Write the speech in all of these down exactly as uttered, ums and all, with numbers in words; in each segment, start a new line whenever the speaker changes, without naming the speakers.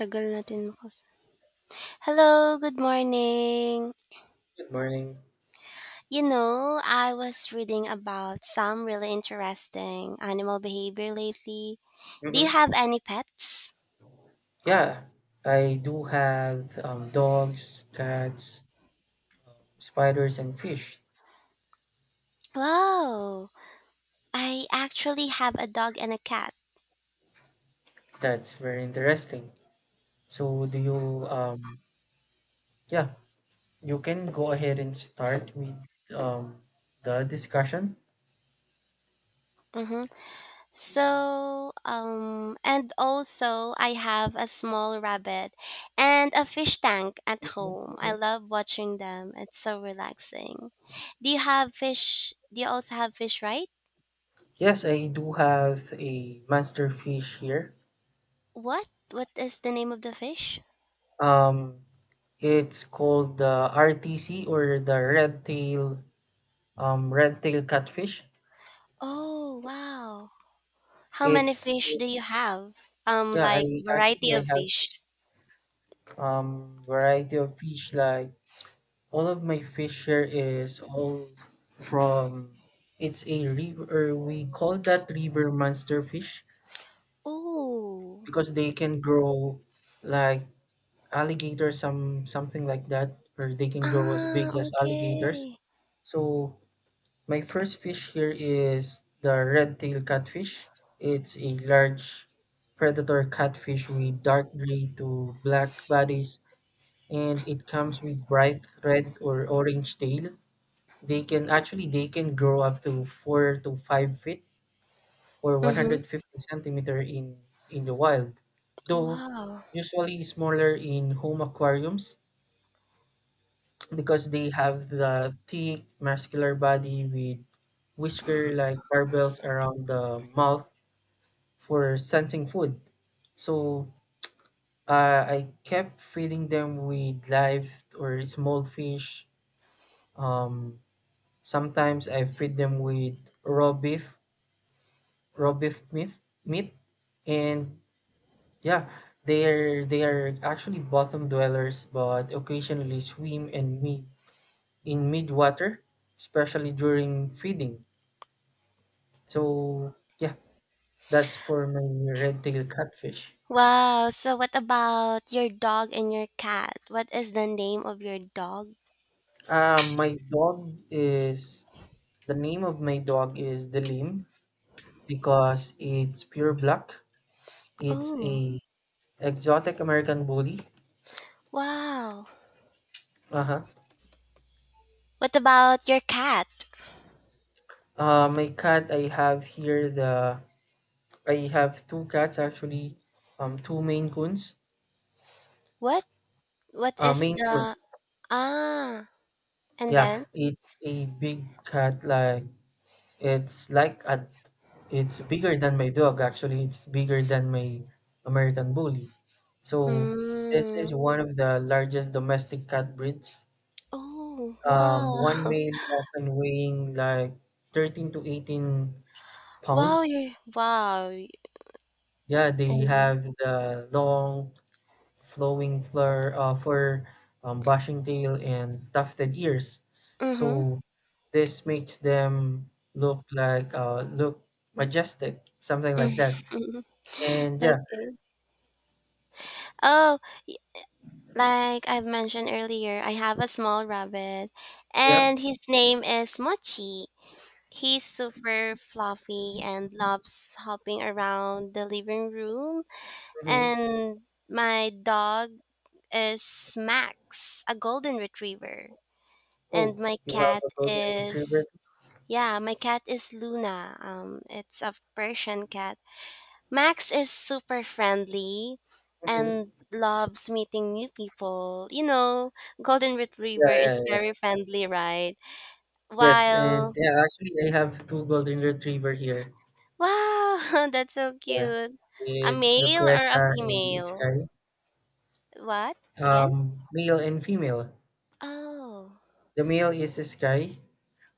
Tagal natin nakaus. Hello, good morning.
Good morning.
You know, I was reading about some really interesting animal behavior lately. Do you
Hmm.
have any pets?
Yeah, I do have um, dogs, cats, um, spiders, and fish.
Wow, I actually have a dog and a cat.
That's very interesting. So, do you, um, yeah, you can go ahead and start with um, the discussion.
Mm-hmm. So, um, and also I have a small rabbit and a fish tank at home. I love watching them. It's so relaxing. Do you have fish? Do you also have fish, right?
Yes, I do have a master fish here.
What? What is the name of the fish?
Um, it's called the R T C or the red tail, um, red tail catfish.
Oh, wow. How many
It's,
fish do you
it's
have? Um,
yeah, I
like variety
actually I
of
have
fish.
um, variety of fish. Like all of my fish here is all from it's a river. We call that river monster fish
Oh.
because they can grow like alligator, some something like that, or they can grow as
Ah,
big as alligators.
okay.
So my first fish here is the red tail catfish. It's a large predator catfish with dark gray to black bodies, and it comes with bright red or orange tail. They can actually they can grow up to four to five feet or
Mm-hmm.
one hundred fifty centimeter in in the wild, though
Wow.
usually smaller in home aquariums because they have the thick muscular body with whisker like barbells around the mouth for sensing food. So uh, I kept feeding them with live or small fish, um, sometimes I feed them with raw beef, raw beef meat, meat, and yeah, they're they are actually bottom dwellers, but occasionally swim and meet in mid water, especially during feeding. So yeah, that's for my red-tailed catfish.
Wow. So what about your dog and your cat? What is the name of your dog?
Uh, my dog is the name of my dog is Delim because it's pure black. It's
Oh,
a exotic American bully.
wow.
Uh huh.
What about your cat?
Uh, my cat, I have here the I have two cats actually, um, two Maine Coons.
What? What
Uh,
is
Maine Coon,
the ah? And
yeah,
then?
it's a big cat. Like it's like a, it's bigger than my dog. Actually, it's bigger than my American Bully. So this
Mm.
is one of the largest domestic cat breeds.
Oh,
Um,
wow.
one male often weighing like thirteen to 18
Wow,
pounds.
you wow.
Yeah, they
And
have the long flowing flur, uh, fur, um, bushing tail, and tufted ears.
mhm. Mhm.
So this makes them look like uh, look majestic, something like that. And yeah,
Okay. Oh, like I've mentioned earlier, I have a small rabbit and
yep.
his name is Mochi. He's super fluffy and loves hopping around the living room.
Hmm.
And my dog is Max, a golden retriever. And
Oh,
my
you have
cat
a golden retriever.
is yeah, my cat is Luna. Um, it's a Persian cat. Max is super friendly
Hmm.
and loves meeting new people. You know, Golden
Yeah,
Retriever
yeah,
is
yeah.
very friendly, right?
Yes, and
While,
yeah, actually, I have two golden retriever here.
wow, that's so
Yeah,
cute. A
it's
male or a
Lucrezia and
female?
Sky.
What? Again?
Um, male and female.
Oh.
The male is Sky,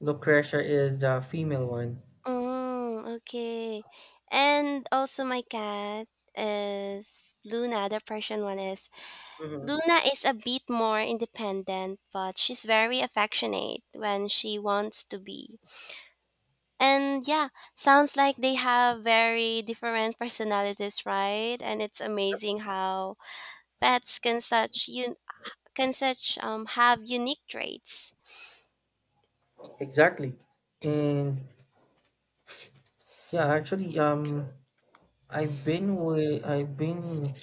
Lucretia is the female one.
Oh, okay. And also my cat is Luna, the Persian one is.
Hmm.
Luna is a bit more independent, but she's very affectionate when she wants to be. And yeah, sounds like they have very different personalities, right? And it's amazing how pets can such you can such um have unique traits.
Exactly. And yeah, actually, um, I've been with, I've been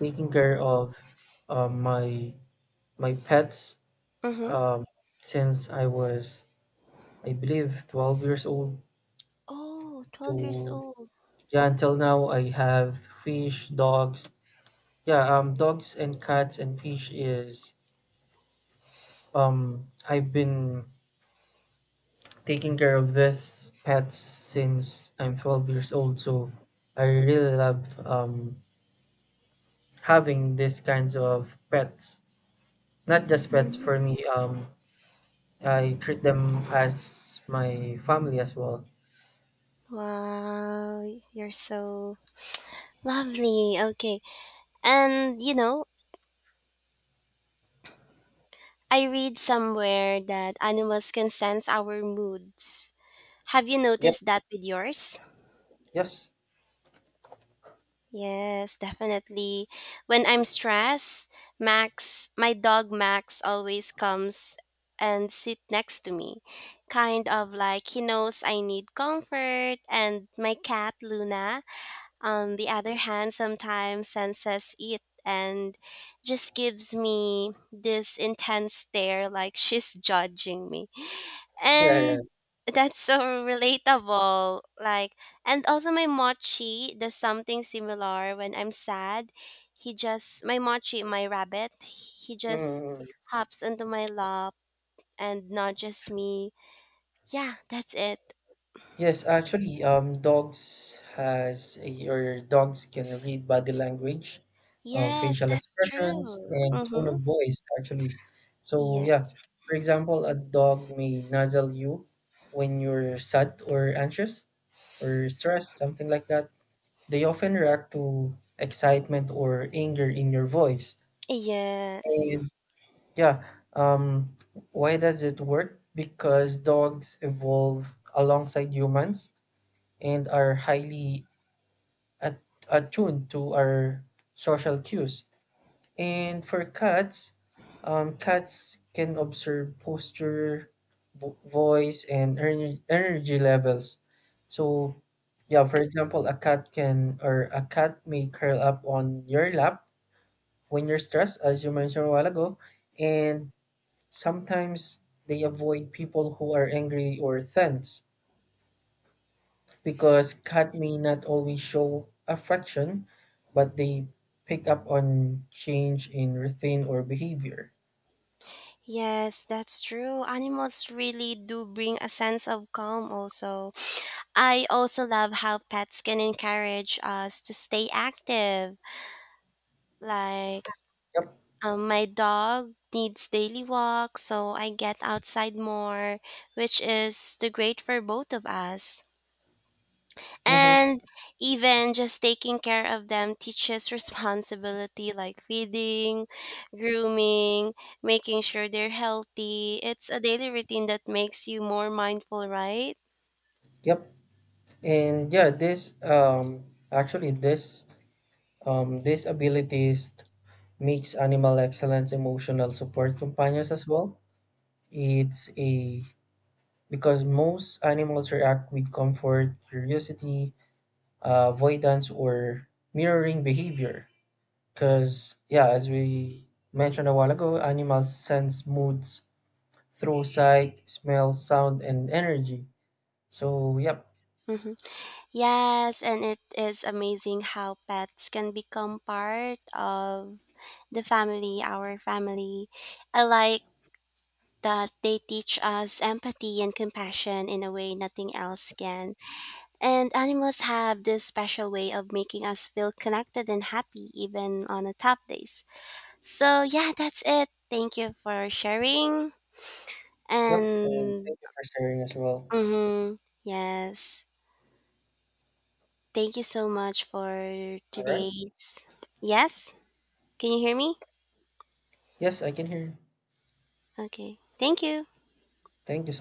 taking care of um, my my pets
Mm-hmm.
um, since I was, I believe, twelve years old
Oh, twelve years
to
old.
yeah, until now I have fish, dogs. Yeah, um, dogs and cats and fish is um I've been taking care of this pets since I'm twelve years old. So I really love um, having these kinds of pets. Not just pets
Mhm.
for me. Um, I treat them as my family as well.
Wow, you're so lovely. Okay. And you know, I read somewhere that animals can sense our moods. Have you
Yep.
noticed that with yours?
Yes.
Yes, definitely. When I'm stressed, Max, my dog Max, always comes and sit next to me. Kind of like he knows I need comfort, and my cat Luna, on the other hand, sometimes senses it and just gives me this intense stare like she's judging me,
Yeah. Yeah.
and that's so relatable. Like, and also my mochi does something similar when I'm sad, he just, my mochi, my rabbit, he just
Mm,
hops onto my lap and nudges me. Yeah, that's it.
yes, actually, um, dogs has your dogs can read body language, um,
Yes,
facial
that's
expressions,
true.
and tone
Mm-hmm.
of voice, actually. So yeah,
Yes.
for example, a dog may nuzzle you when you're sad or anxious or stressed, something like that. They often react to excitement or anger in your voice.
Yes.
And yeah, um, why does it work? Because dogs evolve alongside humans and are highly at- attuned to our social cues. And for cats, um, cats can observe posture, vo- voice, and ener- energy levels. So, yeah, for example, a cat can or a cat may curl up on your lap when you're stressed, as you mentioned a while ago, and sometimes they avoid people who are angry or tense, because cat may not always show affection, but they pick up on change in routine or behavior.
Yes, that's true. Animals really do bring a sense of calm also. I also love how pets can encourage us to stay active. Like
Yep.
um, my dog needs daily walks, so I get outside more, which is the great for both of us.
Mm-hmm.
And even just taking care of them teaches responsibility, like feeding, grooming, making sure they're healthy. It's a daily routine that makes you more mindful, right?
Yep. And yeah, this um actually this um these abilities makes animal excellence emotional support companions as well. It's a because most animals react with comfort, curiosity, uh, avoidance, or mirroring behavior. Because, yeah, as we mentioned a while ago, animals sense moods through sight, smell, sound, and energy. So, yep,
Mm-hmm. Yes, and it is amazing how pets can become part of the family, our family. I like that they teach us empathy and compassion in a way nothing else can. And animals have this special way of making us feel connected and happy even on the tough days. So, yeah, that's it. Thank you for sharing.
yep, and
And
thank you for sharing as well.
mhm, yes, thank you so much for
All right.
today's. Yes? Can you hear me?
Yes, I can hear you.
Okay. Thank you.
Thank you so